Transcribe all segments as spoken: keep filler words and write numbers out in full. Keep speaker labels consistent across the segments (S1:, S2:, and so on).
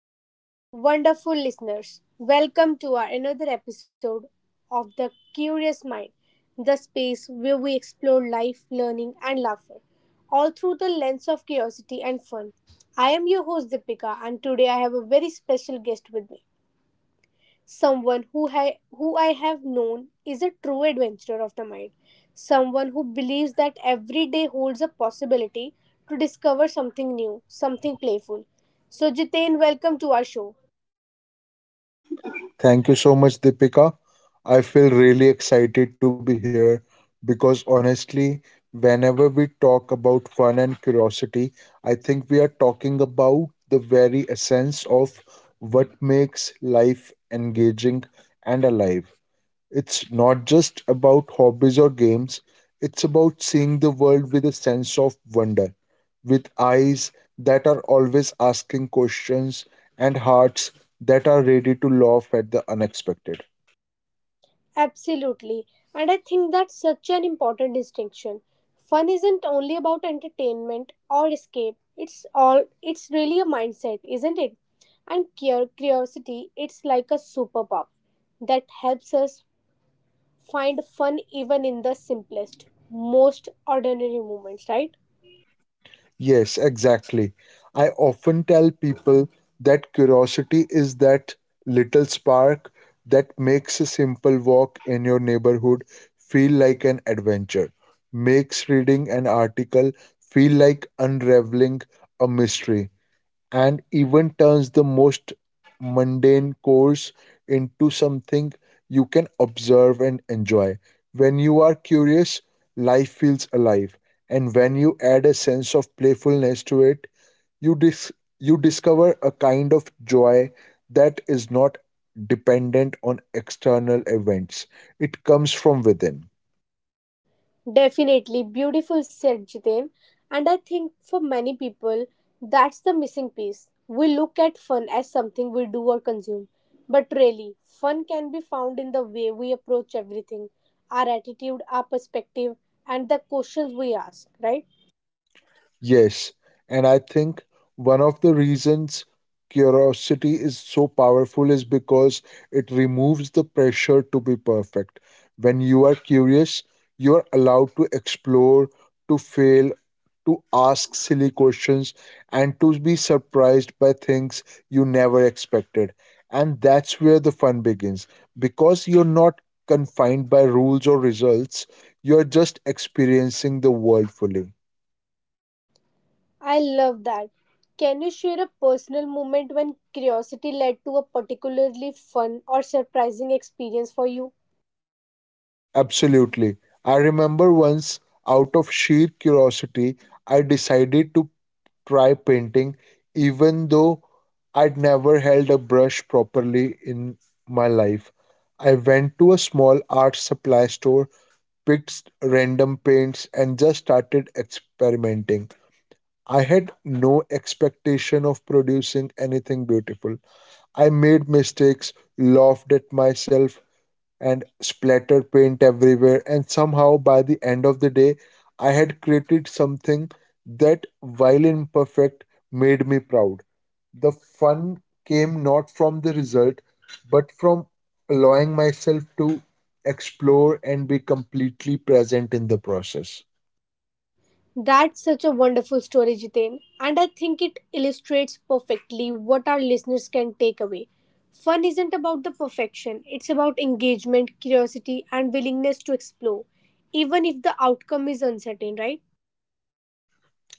S1: hello, hello. Wonderful listeners, welcome to our another episode of The Curious Mind, the space where we explore life, learning, and laughter, all through the lens of curiosity and fun. I am your host Deepika, and today I have a very special guest with me. Someone who I, who I have known is a true adventurer of the mind. Someone who believes that every day holds a possibility to discover something new, something playful. So, Jitain, welcome to our show.
S2: Thank you so much, Deepika. I feel really excited to be here because honestly, whenever we talk about fun and curiosity, I think we are talking about the very essence of what makes life engaging and alive. It's not just about hobbies or games, it's about seeing the world with a sense of wonder, with eyes that are always asking questions and hearts that are ready to laugh at the unexpected.
S1: Absolutely. And I think that's such an important distinction. Fun isn't only about entertainment or escape. It's all it's really a mindset, isn't it? And cur- curiosity, it's like a superpower that helps us find fun even in the simplest, most ordinary moments, right?
S2: Yes, exactly. I often tell people that curiosity is that little spark that makes a simple walk in your neighborhood feel like an adventure, makes reading an article feel like unraveling a mystery, and even turns the most mundane course into something you can observe and enjoy. When you are curious, life feels alive, and when you add a sense of playfulness to it, you dis- you discover a kind of joy that is not dependent on external events. It comes from within.
S1: Definitely beautiful said, Jiten. And I think for many people, that's the missing piece. We look at fun as something we do or consume. But really, fun can be found in the way we approach everything, our attitude, our perspective, and the questions we ask, right?
S2: Yes, and I think one of the reasons curiosity is so powerful is because it removes the pressure to be perfect. When you are curious, you are allowed to explore, to fail, to ask silly questions, and to be surprised by things you never expected. And that's where the fun begins because you're not confined by rules or results, you're just experiencing the world fully.
S1: I love that. Can you share a personal moment when curiosity led to a particularly fun or surprising experience for you?
S2: Absolutely. I remember once, out of sheer curiosity, I decided to try painting, even though I'd never held a brush properly in my life. I went to a small art supply store, picked s- random paints, and just started experimenting. I had no expectation of producing anything beautiful. I made mistakes, laughed at myself, and splattered paint everywhere. And somehow, by the end of the day, I had created something that, while imperfect, made me proud. The fun came not from the result, but from allowing myself to explore and be completely present in the process.
S1: That's such a wonderful story, Jitain. And I think it illustrates perfectly what our listeners can take away. Fun isn't about the perfection, it's about engagement, curiosity, and willingness to explore, even if the outcome is uncertain, right?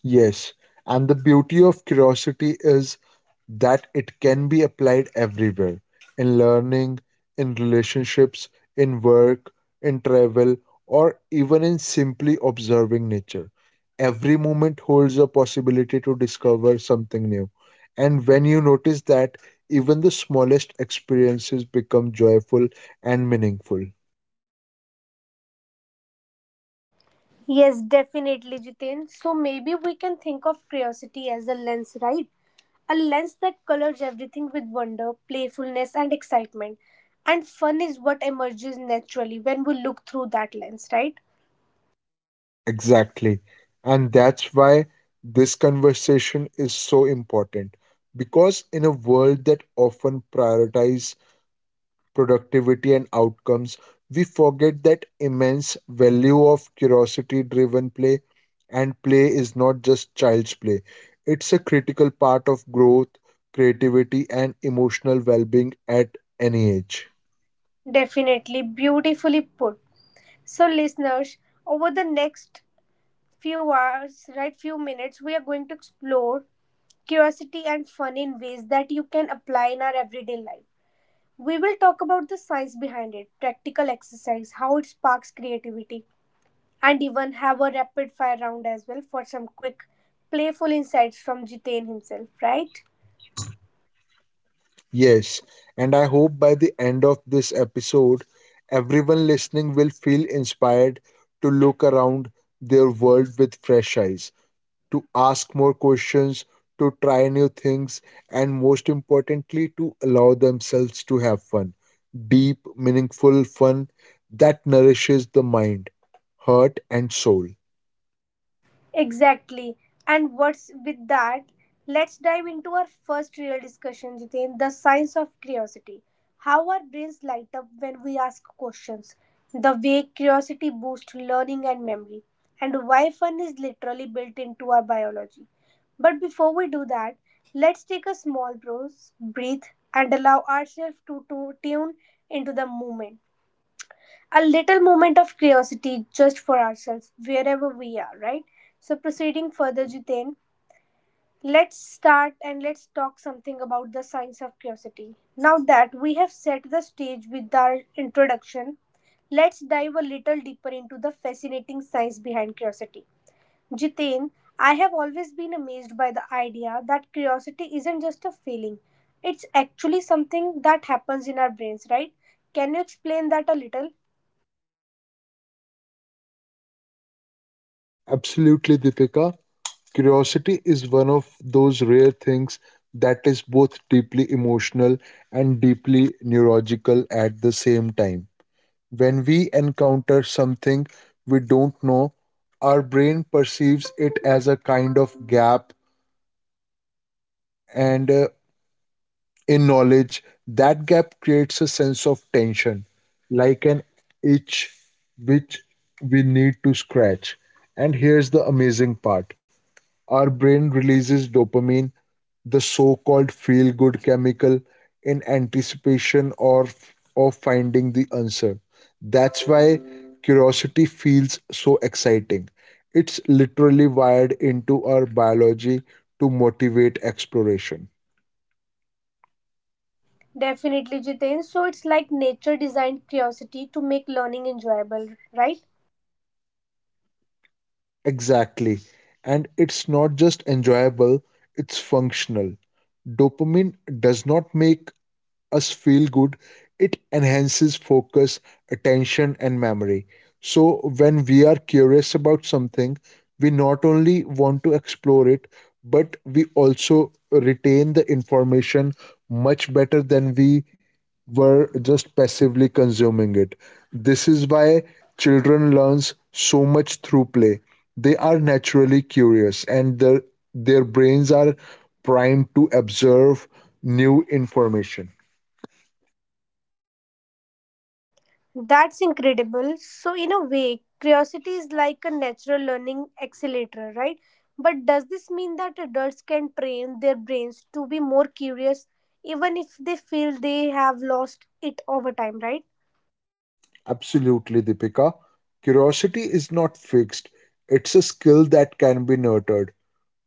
S2: Yes, and the beauty of curiosity is that it can be applied everywhere in learning, in relationships, in work, in travel, or even in simply observing nature. Every moment holds a possibility to discover something new. And when you notice that, even the smallest experiences become joyful and meaningful.
S1: Yes, definitely, Jitain. So maybe we can think of curiosity as a lens, right? A lens that colors everything with wonder, playfulness, and excitement. And fun is what emerges naturally when we look through that lens, right?
S2: Exactly. And that's why this conversation is so important. Because in a world that often prioritizes productivity and outcomes, we forget that immense value of curiosity driven play. And play is not just child's play, it's a critical part of growth, creativity, and emotional well being at any age.
S1: Definitely, beautifully put. So, listeners, over the next few hours, right, few minutes, we are going to explore curiosity and fun in ways that you can apply in our everyday life. We will talk about the science behind it, practical exercise, how it sparks creativity, and even have a rapid fire round as well for some quick, playful insights from Jiten himself, right?
S2: Yes, and I hope by the end of this episode, everyone listening will feel inspired to look around their world with fresh eyes, to ask more questions, to try new things, and most importantly, to allow themselves to have fun. Deep, meaningful fun that nourishes the mind, heart, and soul.
S1: Exactly. And what's with that? Let's dive into our first real discussion, Jitin: the science of curiosity. How our brains light up when we ask questions, the way curiosity boosts learning and memory, and why fun is literally built into our biology. But before we do that, let's take a small pause, breathe, and allow ourselves to, to tune into the moment, a little moment of curiosity just for ourselves wherever we are, right? So proceeding further, Jiten, let's start and let's talk something about the science of curiosity. Now that we have set the stage with our introduction, let's dive a little deeper into the fascinating science behind curiosity. Jiten, I have always been amazed by the idea that curiosity isn't just a feeling, it's actually something that happens in our brains, right? Can you explain that a little?
S2: Absolutely, Deepika. Curiosity is one of those rare things that is both deeply emotional and deeply neurological at the same time. When we encounter something we don't know, our brain perceives it as a kind of gap and uh, in knowledge. That gap creates a sense of tension, like an itch which we need to scratch. And here's the amazing part: our brain releases dopamine, the so called feel good chemical, in anticipation or of finding the answer. That's why curiosity feels so exciting. It's literally wired into our biology to motivate exploration.
S1: Definitely, Jiten. So it's like nature designed curiosity to make learning enjoyable, right?
S2: Exactly. And it's not just enjoyable, it's functional. Dopamine does not make us feel good, it enhances focus, attention, and memory. So, when we are curious about something, we not only want to explore it, but we also retain the information much better than we were just passively consuming it. This is why children learns so much through play. They are naturally curious and their, their brains are primed to observe new information.
S1: That's incredible. So, in a way, curiosity is like a natural learning accelerator, right? But does this mean that adults can train their brains to be more curious even if they feel they have lost it over time, right?
S2: Absolutely, Deepika. Curiosity is not fixed, it's a skill that can be nurtured.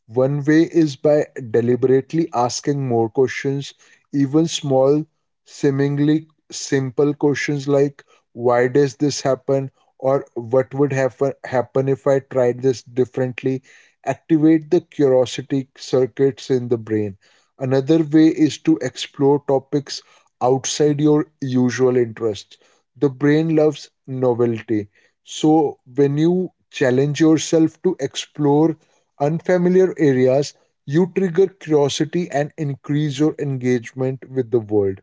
S2: One way is by deliberately asking more questions, even small, seemingly simple questions like why does this happen or what would happen happen if I tried this differently activate the curiosity circuits in the brain. Another way is to explore topics outside your usual interests. The brain loves novelty. So when you challenge yourself to explore unfamiliar areas, you trigger curiosity and increase your engagement with the world.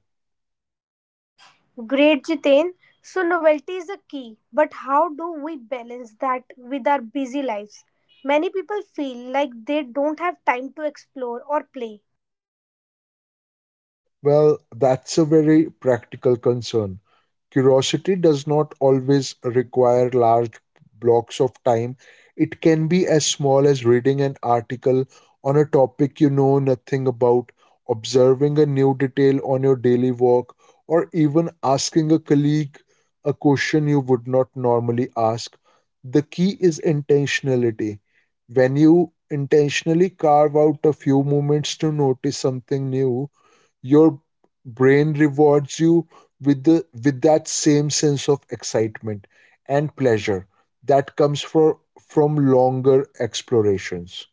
S1: Great, Jitain. So, novelty is a key, but how do we balance that with our busy lives? Many people feel like they don't have time to explore or play.
S2: Well, that's a very practical concern. Curiosity does not always require large blocks of time. It can be as small as reading an article on a topic you know nothing about, observing a new detail on your daily walk, or even asking a colleague a question you would not normally ask. The key is intentionality. When you intentionally carve out a few moments to notice something new, your brain rewards you with the with that same sense of excitement and pleasure that comes for, from longer explorations.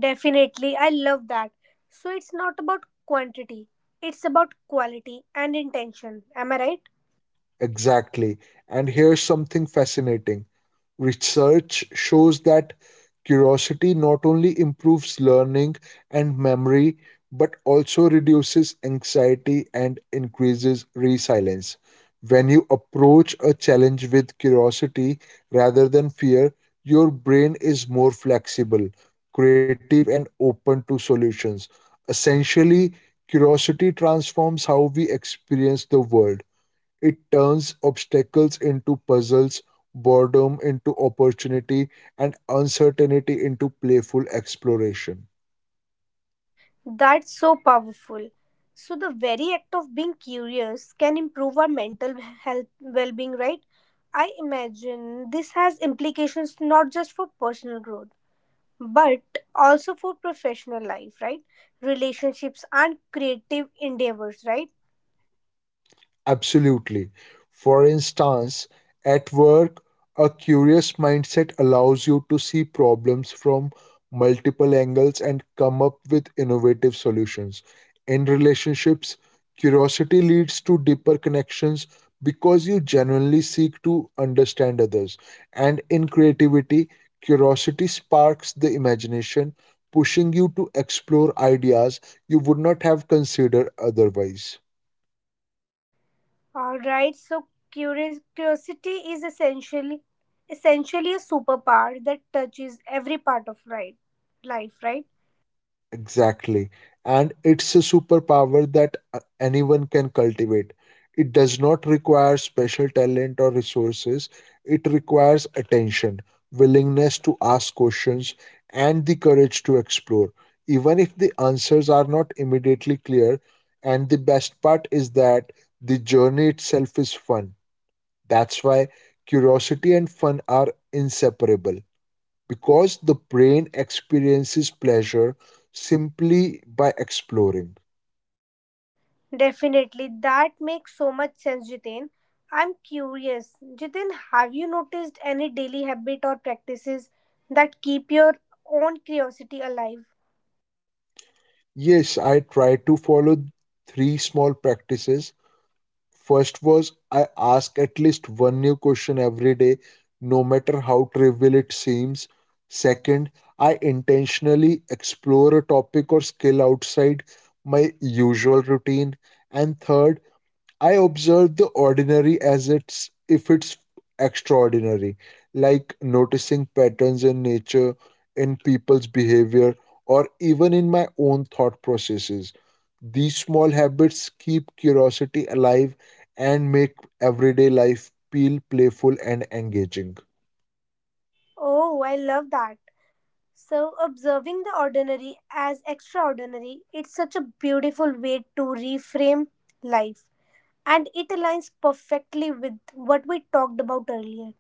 S1: Definitely, I love that. So, it's not about quantity, it's about quality and intention. Am I right?
S2: Exactly, and here's something fascinating. Research shows that curiosity not only improves learning and memory but also reduces anxiety and increases resilience. When you approach a challenge with curiosity rather than fear, your brain is more flexible, creative, and open to solutions. Essentially, curiosity transforms how we experience the world. It turns obstacles into puzzles, boredom into opportunity, and uncertainty into playful exploration.
S1: That's so powerful. So, the very act of being curious can improve our mental health well being, right? I imagine this has implications not just for personal growth but also for professional life, right? Relationships and creative endeavors, right?
S2: Absolutely. For instance, at work, a curious mindset allows you to see problems from multiple angles and come up with innovative solutions. In relationships, curiosity leads to deeper connections because you genuinely seek to understand others. And in creativity, curiosity sparks the imagination, pushing you to explore ideas you would not have considered otherwise.
S1: All right. So curious, curiosity is essentially essentially a superpower that touches every part of right life, right?
S2: Exactly. And it's a superpower that uh, anyone can cultivate. It does not require special talent or resources, it requires attention, willingness to ask questions, and the courage to explore, even if the answers are not immediately clear. And the best part is that the journey itself is fun. That's why curiosity and fun are inseparable, because the brain experiences pleasure simply by exploring.
S1: Definitely, that makes so much sense, Jitin. I'm curious, Jitin. Have you noticed any daily habit or practices that keep your own curiosity alive?
S2: Yes, I tried to follow three small practices. First was I ask at least one new question every day, no matter how trivial it seems. Second, I intentionally explore a topic or skill outside my usual routine. And third, I observe the ordinary as it's if it's extraordinary, like noticing patterns in nature, in people's behavior, or even in my own thought processes. These small habits keep curiosity alive and make everyday life feel playful and engaging.
S1: Oh, I love that. So, observing the ordinary as extraordinary, it's such a beautiful way to reframe life. And it aligns perfectly with what we talked about earlier.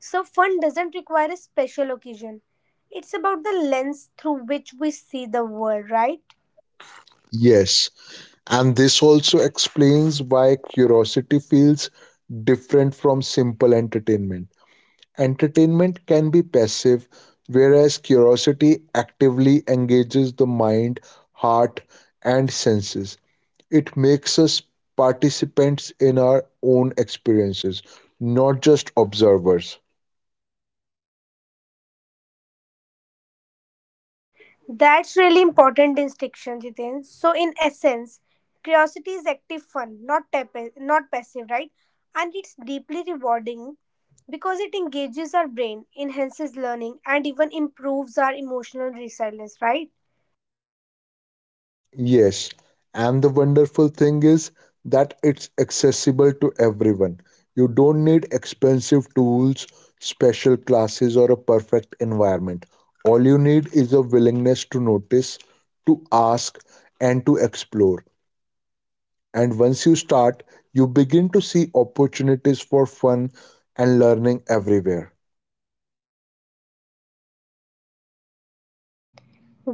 S1: So, fun doesn't require a special occasion, it's about the lens through which we see the world, right?
S2: Yes, and this also explains why curiosity feels different from simple entertainment. Entertainment can be passive, whereas curiosity actively engages the mind, heart, and senses. It makes us participants in our own experiences, not just observers.
S1: That's really important distinction, Jiten. So in essence, curiosity is active fun, not tap- not passive, right? And it's deeply rewarding because it engages our brain, enhances learning, and even improves our emotional resilience, right?
S2: Yes, and the wonderful thing is that it's accessible to everyone. You don't need expensive tools, special classes, or a perfect environment. All you need is a willingness to notice, to ask, and to explore. And once you start, you begin to see opportunities for fun and learning everywhere.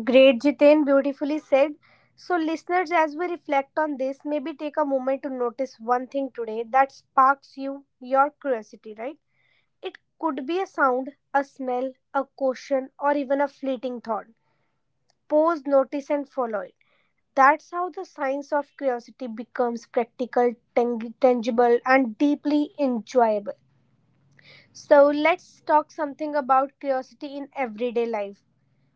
S1: Great, Jiten. Beautifully said. So, listeners, as we reflect on this, maybe take a moment to notice one thing today that sparks you, your curiosity, right? It could be a sound, a smell, a question, or even a fleeting thought. Pause, notice, and follow it. That's how the science of curiosity becomes practical, tang- tangible, and deeply enjoyable. So, let's talk something about curiosity in everyday life.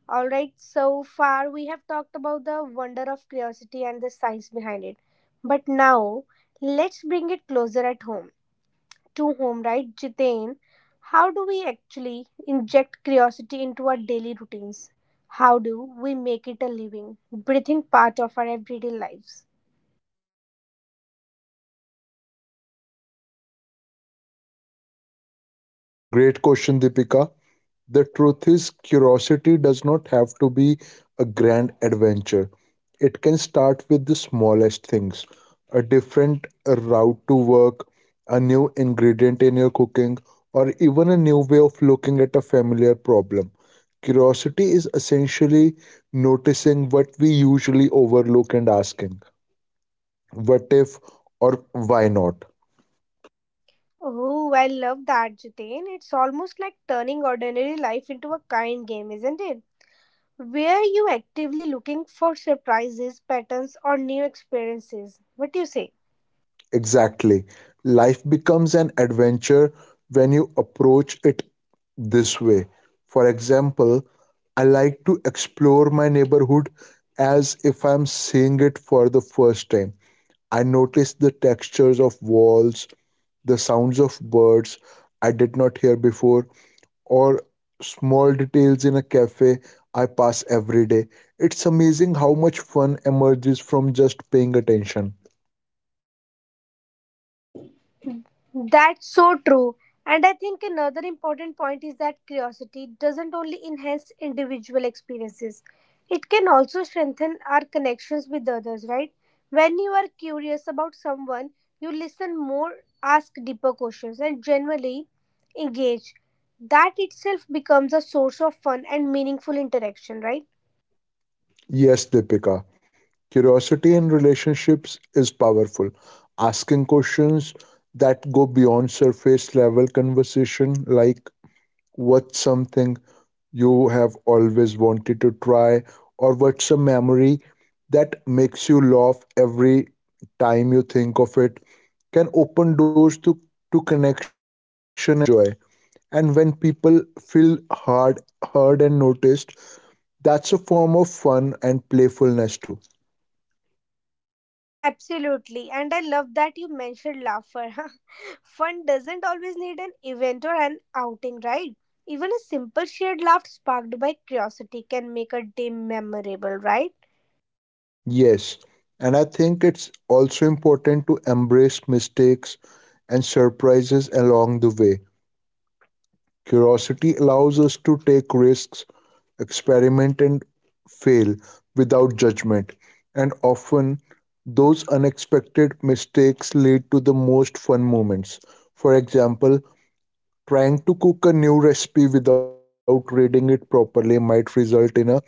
S1: Alright, so far we have talked about the wonder of curiosity and the science behind it. But now, let's bring it closer at home to home, right, Jiten? How do we actually inject curiosity into our daily routines? How do we make it a living, breathing part of our everyday lives?
S2: Great question, Deepika. The truth is, curiosity does not have to be a grand adventure. It can start with the smallest things: a different route to work, a new ingredient in your cooking, or even a new way of looking at a familiar problem. Curiosity is essentially noticing what we usually overlook and asking, what if or why not?
S1: Oh, I love that, Jiten. It's almost like turning ordinary life into a kind game, isn't it? Where you actively looking for surprises, patterns, or new experiences. What do you say?
S2: Exactly. Life becomes an adventure when you approach it this way. For example, I like to explore my neighborhood as if I'm seeing it for the first time. I notice the textures of walls, the sounds of birds I did not hear before, or small details in a cafe I pass every day. It's amazing how much fun emerges from just paying attention.
S1: That's so true. And I think another important point is that curiosity doesn't only enhance individual experiences, it can also strengthen our connections with others, right? When you are curious about someone, you listen more, ask deeper questions, and generally engage. That itself becomes a source of fun and meaningful interaction, right?
S2: Yes, Deepika. Curiosity in relationships is powerful. Asking questions that go beyond surface level conversation, like what's something you have always wanted to try, or what's a memory that makes you laugh every time you think of it, can open doors to, to connection and shared joy. And when people feel hard, heard, and noticed, that's a form of fun and playfulness too.
S1: Absolutely. And I love that you mentioned laughter. Fun doesn't always need an event or an outing, right? Even a simple shared laugh sparked by curiosity can make a day memorable, right?
S2: Yes, and I think it's also important to embrace mistakes and surprises along the way. Curiosity allows us to take risks, experiment, and fail without judgment. And often, those unexpected mistakes lead to the most fun moments. For example, trying to cook a new recipe without reading it properly might result in a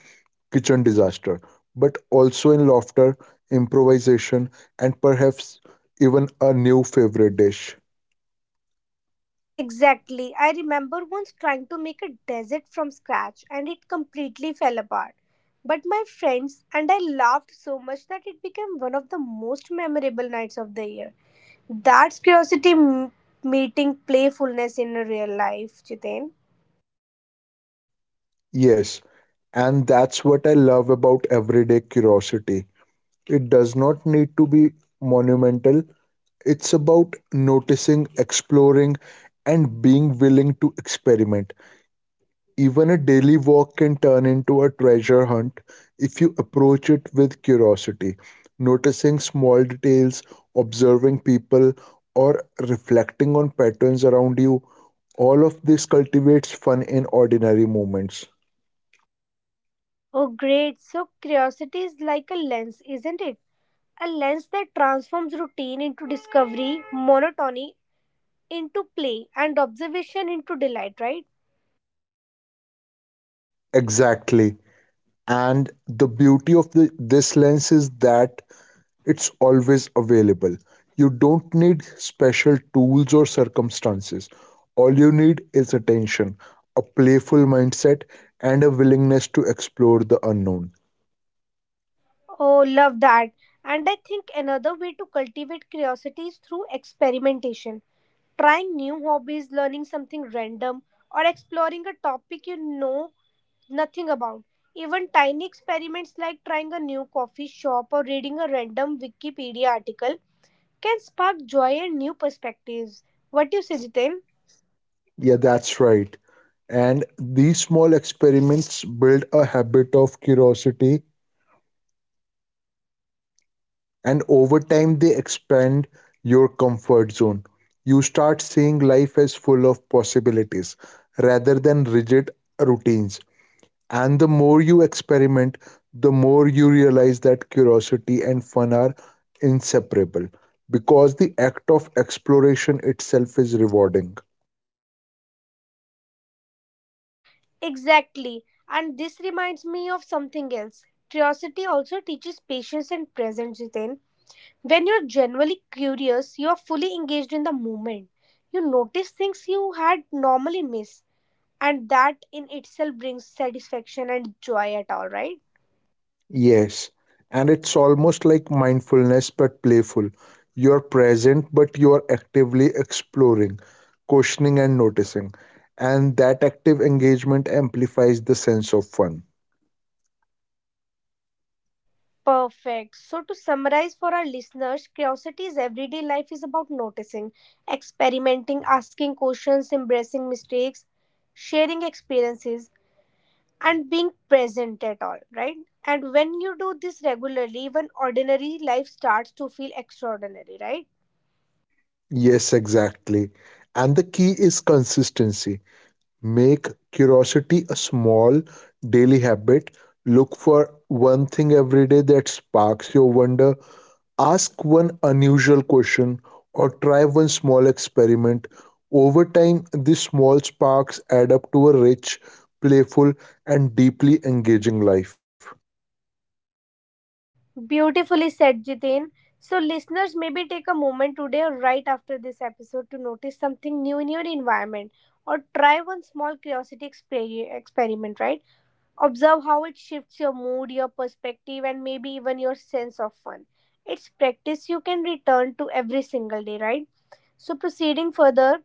S2: kitchen disaster, but also in laughter, improvisation, and perhaps even a new favorite dish.
S1: Exactly. I remember once trying to make a desert from scratch and it completely fell apart. But my friends and I laughed so much that it became one of the most memorable nights of the year. That's curiosity m- meeting playfulness in real life, Chitin.
S2: Yes, and that's what I love about everyday curiosity. It does not need to be monumental, it's about noticing, exploring, and being willing to experiment. Even a daily walk can turn into a treasure hunt if you approach it with curiosity, noticing small details, observing people, or reflecting on patterns around you. All of this cultivates fun in ordinary moments.
S1: Oh, great. So, curiosity is like a lens, isn't it? A lens that transforms routine into discovery, monotony into play, and observation into delight, right?
S2: Exactly. And the beauty of the, this lens is that it's always available. You don't need special tools or circumstances. All you need is attention, a playful mindset, and a willingness to explore the unknown.
S1: Oh, love that. And I think another way to cultivate curiosity is through experimentation. Trying new hobbies, learning something random, or exploring a topic you know nothing about. Even tiny experiments like trying a new coffee shop or reading a random Wikipedia article can spark joy and new perspectives. What you say, Jitin?
S2: Yeah, that's right. And these small experiments build a habit of curiosity, and over time, they expand your comfort zone. You start seeing life as full of possibilities rather than rigid routines. And the more you experiment, the more you realize that curiosity and fun are inseparable because the act of exploration itself is rewarding.
S1: Exactly. And this reminds me of something else. Curiosity also teaches patience and presence, Jitin. When you're genuinely curious, you are fully engaged in the moment. You notice things you had normally missed, and that in itself brings satisfaction and joy at all, right?
S2: Yes, and it's almost like mindfulness but playful. You're present, but you're actively exploring, questioning, and noticing. And that active engagement amplifies the sense of fun.
S1: Perfect. So, to summarize for our listeners, curiosity's everyday life is about noticing, experimenting, asking questions, embracing mistakes, sharing experiences, and being present at all, right? And when you do this regularly, even ordinary life starts to feel extraordinary, right?
S2: Yes, exactly. And the key is consistency. Make curiosity a small daily habit. Look for one thing every day that sparks your wonder. Ask one unusual question or try one small experiment. Over time, these small sparks add up to a rich, playful, and deeply engaging life.
S1: Beautifully said, Jitin. So, listeners, maybe take a moment today or right after this episode to notice something new in your environment or try one small curiosity exper- experiment, right? Observe how it shifts your mood, your perspective, and maybe even your sense of fun. It's practice you can return to every single day, right? So, proceeding further,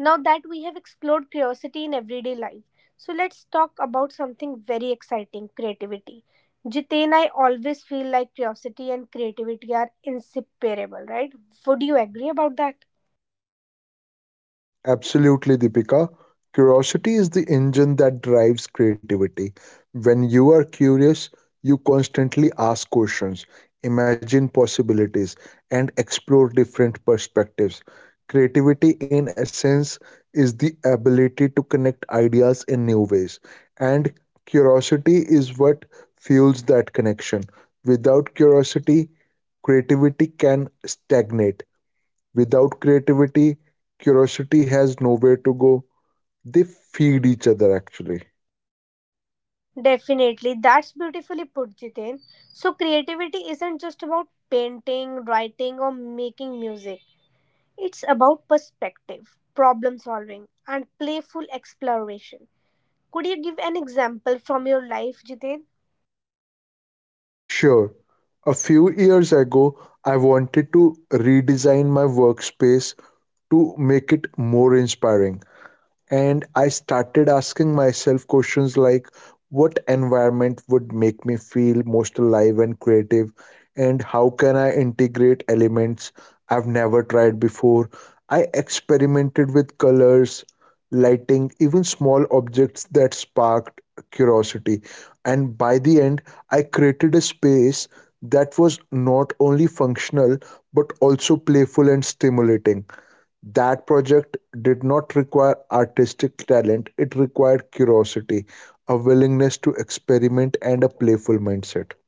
S1: now that we have explored curiosity in everyday life, so let's talk about something very exciting: creativity. Jiten, I always feel like curiosity and creativity are inseparable, right? Would you agree about that?
S2: Absolutely, Deepika. Curiosity is the engine that drives creativity. When you are curious, you constantly ask questions, imagine possibilities, and explore different perspectives. Creativity, in essence, is the ability to connect ideas in new ways, and curiosity is what fuels that connection. Without curiosity, creativity can stagnate. Without creativity, curiosity has nowhere to go. They feed each other actually.
S1: Definitely, that's beautifully put, Jiten. So, creativity isn't just about painting, writing, or making music, it's about perspective, problem solving, and playful exploration. Could you give an example from your life, Jiten?
S2: Sure, a few years ago, I wanted to redesign my workspace to make it more inspiring. And I started asking myself questions like what environment would make me feel most alive and creative, and how can I integrate elements I've never tried before. I experimented with colors, lighting, even small objects that sparked curiosity, and by the end, I created a space that was not only functional but also playful and stimulating. That project did not require artistic talent, it required curiosity, a willingness to experiment, and a playful mindset.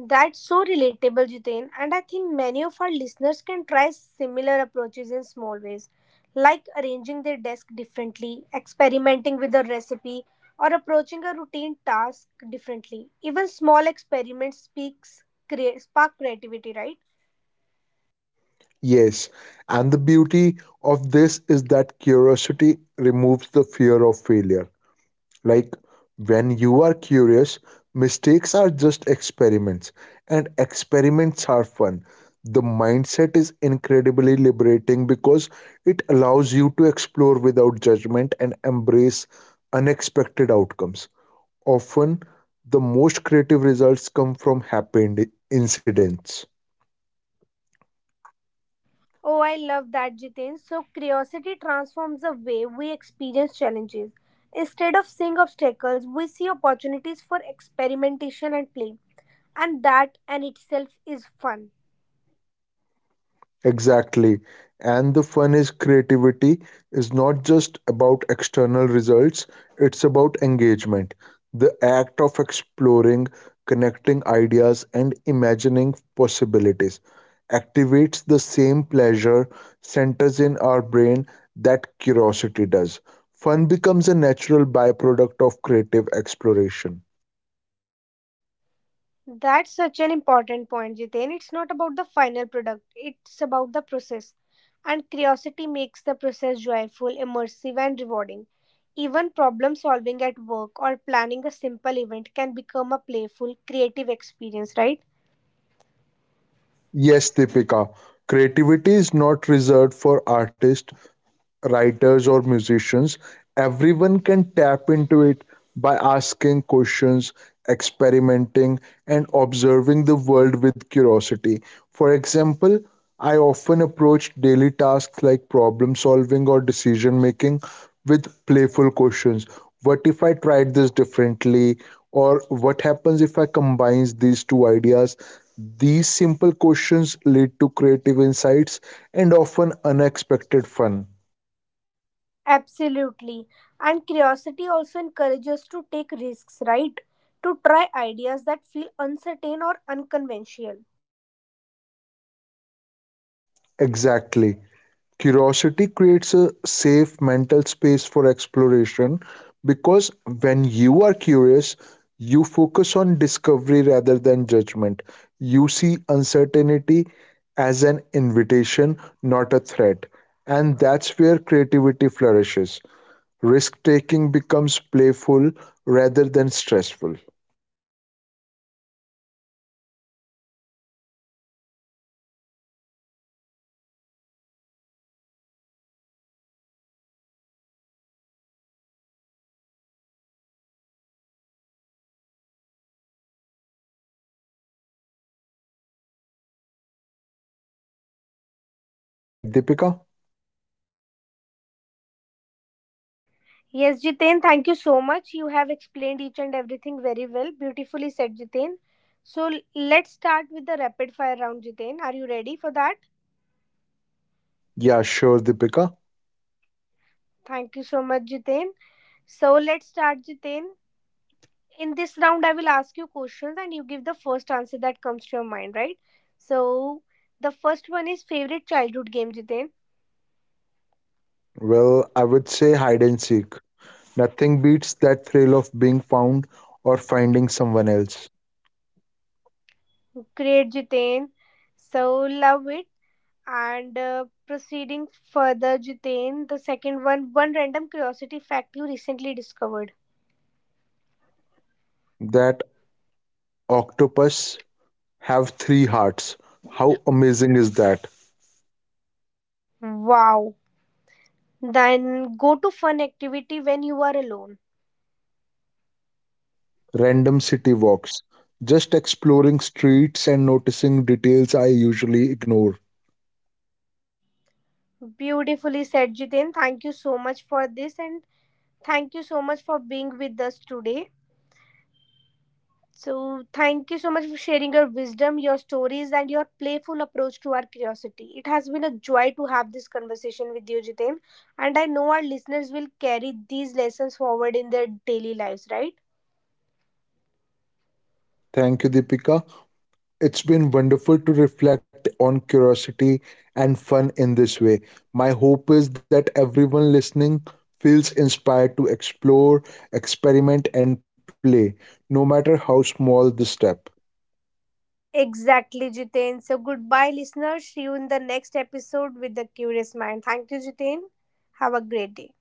S1: That's so relatable, Jitain, and I think many of our listeners can try similar approaches in small ways, like arranging their desk differently, experimenting with a recipe, or approaching a routine task differently. Even small experiments speaks crea- spark creativity, right?
S2: Yes, and the beauty of this is that curiosity removes the fear of failure. Like when you are curious, mistakes are just experiments, and experiments are fun. The mindset is incredibly liberating because it allows you to explore without judgment and embrace unexpected outcomes. Often, the most creative results come from happy ind- incidents.
S1: Oh, I love that, Jitain. So curiosity transforms the way we experience challenges. Instead of seeing obstacles, we see opportunities for experimentation and play, and that in itself is fun.
S2: Exactly. And the fun is creativity is not just about external results, it's about engagement. The act of exploring, connecting ideas, and imagining possibilities activates the same pleasure centers in our brain that curiosity does. Fun becomes a natural byproduct of creative exploration.
S1: That's such an important point, Jiten. It's not about the final product, it's about the process. And curiosity makes the process joyful, immersive, and rewarding. Even problem solving at work or planning a simple event can become a playful, creative experience, right?
S2: Yes, Deepika, creativity is not reserved for artists, writers or musicians, everyone can tap into it by asking questions, experimenting, and observing the world with curiosity. For example, I often approach daily tasks like problem solving or decision making with playful questions. What if I tried this differently? Or what happens if I combines these two ideas? These simple questions lead to creative insights and often unexpected fun.
S1: Absolutely. And curiosity also encourages to take risks, right? To try ideas that feel uncertain or unconventional.
S2: Exactly. Curiosity creates a safe mental space for exploration because when you are curious, you focus on discovery rather than judgment. You see uncertainty as an invitation, not a threat. And that's where creativity flourishes. Risk taking becomes playful rather than stressful. Right, Deepika?
S1: Yes, Jitain. Thank you so much. You have explained each and everything very well. Beautifully said, Jitain. So l- let's start with the rapid fire round, Jitain. Are you ready for that?
S2: Yeah, sure, Deepika.
S1: Thank you so much, Jitain. So let's start, Jitain. In this round, I will ask you questions and you give the first answer that comes to your mind, right? So the first one is favorite childhood game, Jitain.
S2: Well, I would say hide and seek. Nothing beats that thrill of being found or finding someone else.
S1: Great, Jitain. So love it. And uh, proceeding further, Jitain, the second one, one random curiosity fact you recently discovered.
S2: That octopus have three hearts. How amazing is that?
S1: Wow. Then go to fun activity when you are alone.
S2: Random city walks. Just exploring streets and noticing details I usually ignore.
S1: Beautifully said, Jitain. Thank you so much for this and thank you so much for being with us today. So, thank you so much for sharing your wisdom, your stories, and your playful approach to our curiosity. It has been a joy to have this conversation with you, Jitain. And I know our listeners will carry these lessons forward in their daily lives, right?
S2: Thank you, Deepika. It's been wonderful to reflect on curiosity and fun in this way. My hope is that everyone listening feels inspired to explore, experiment, and play, no matter how small the step.
S1: Exactly, Jitain. So, goodbye, listeners. See you in the next episode with The Curious Mind. Thank you, Jitain. Have a great day.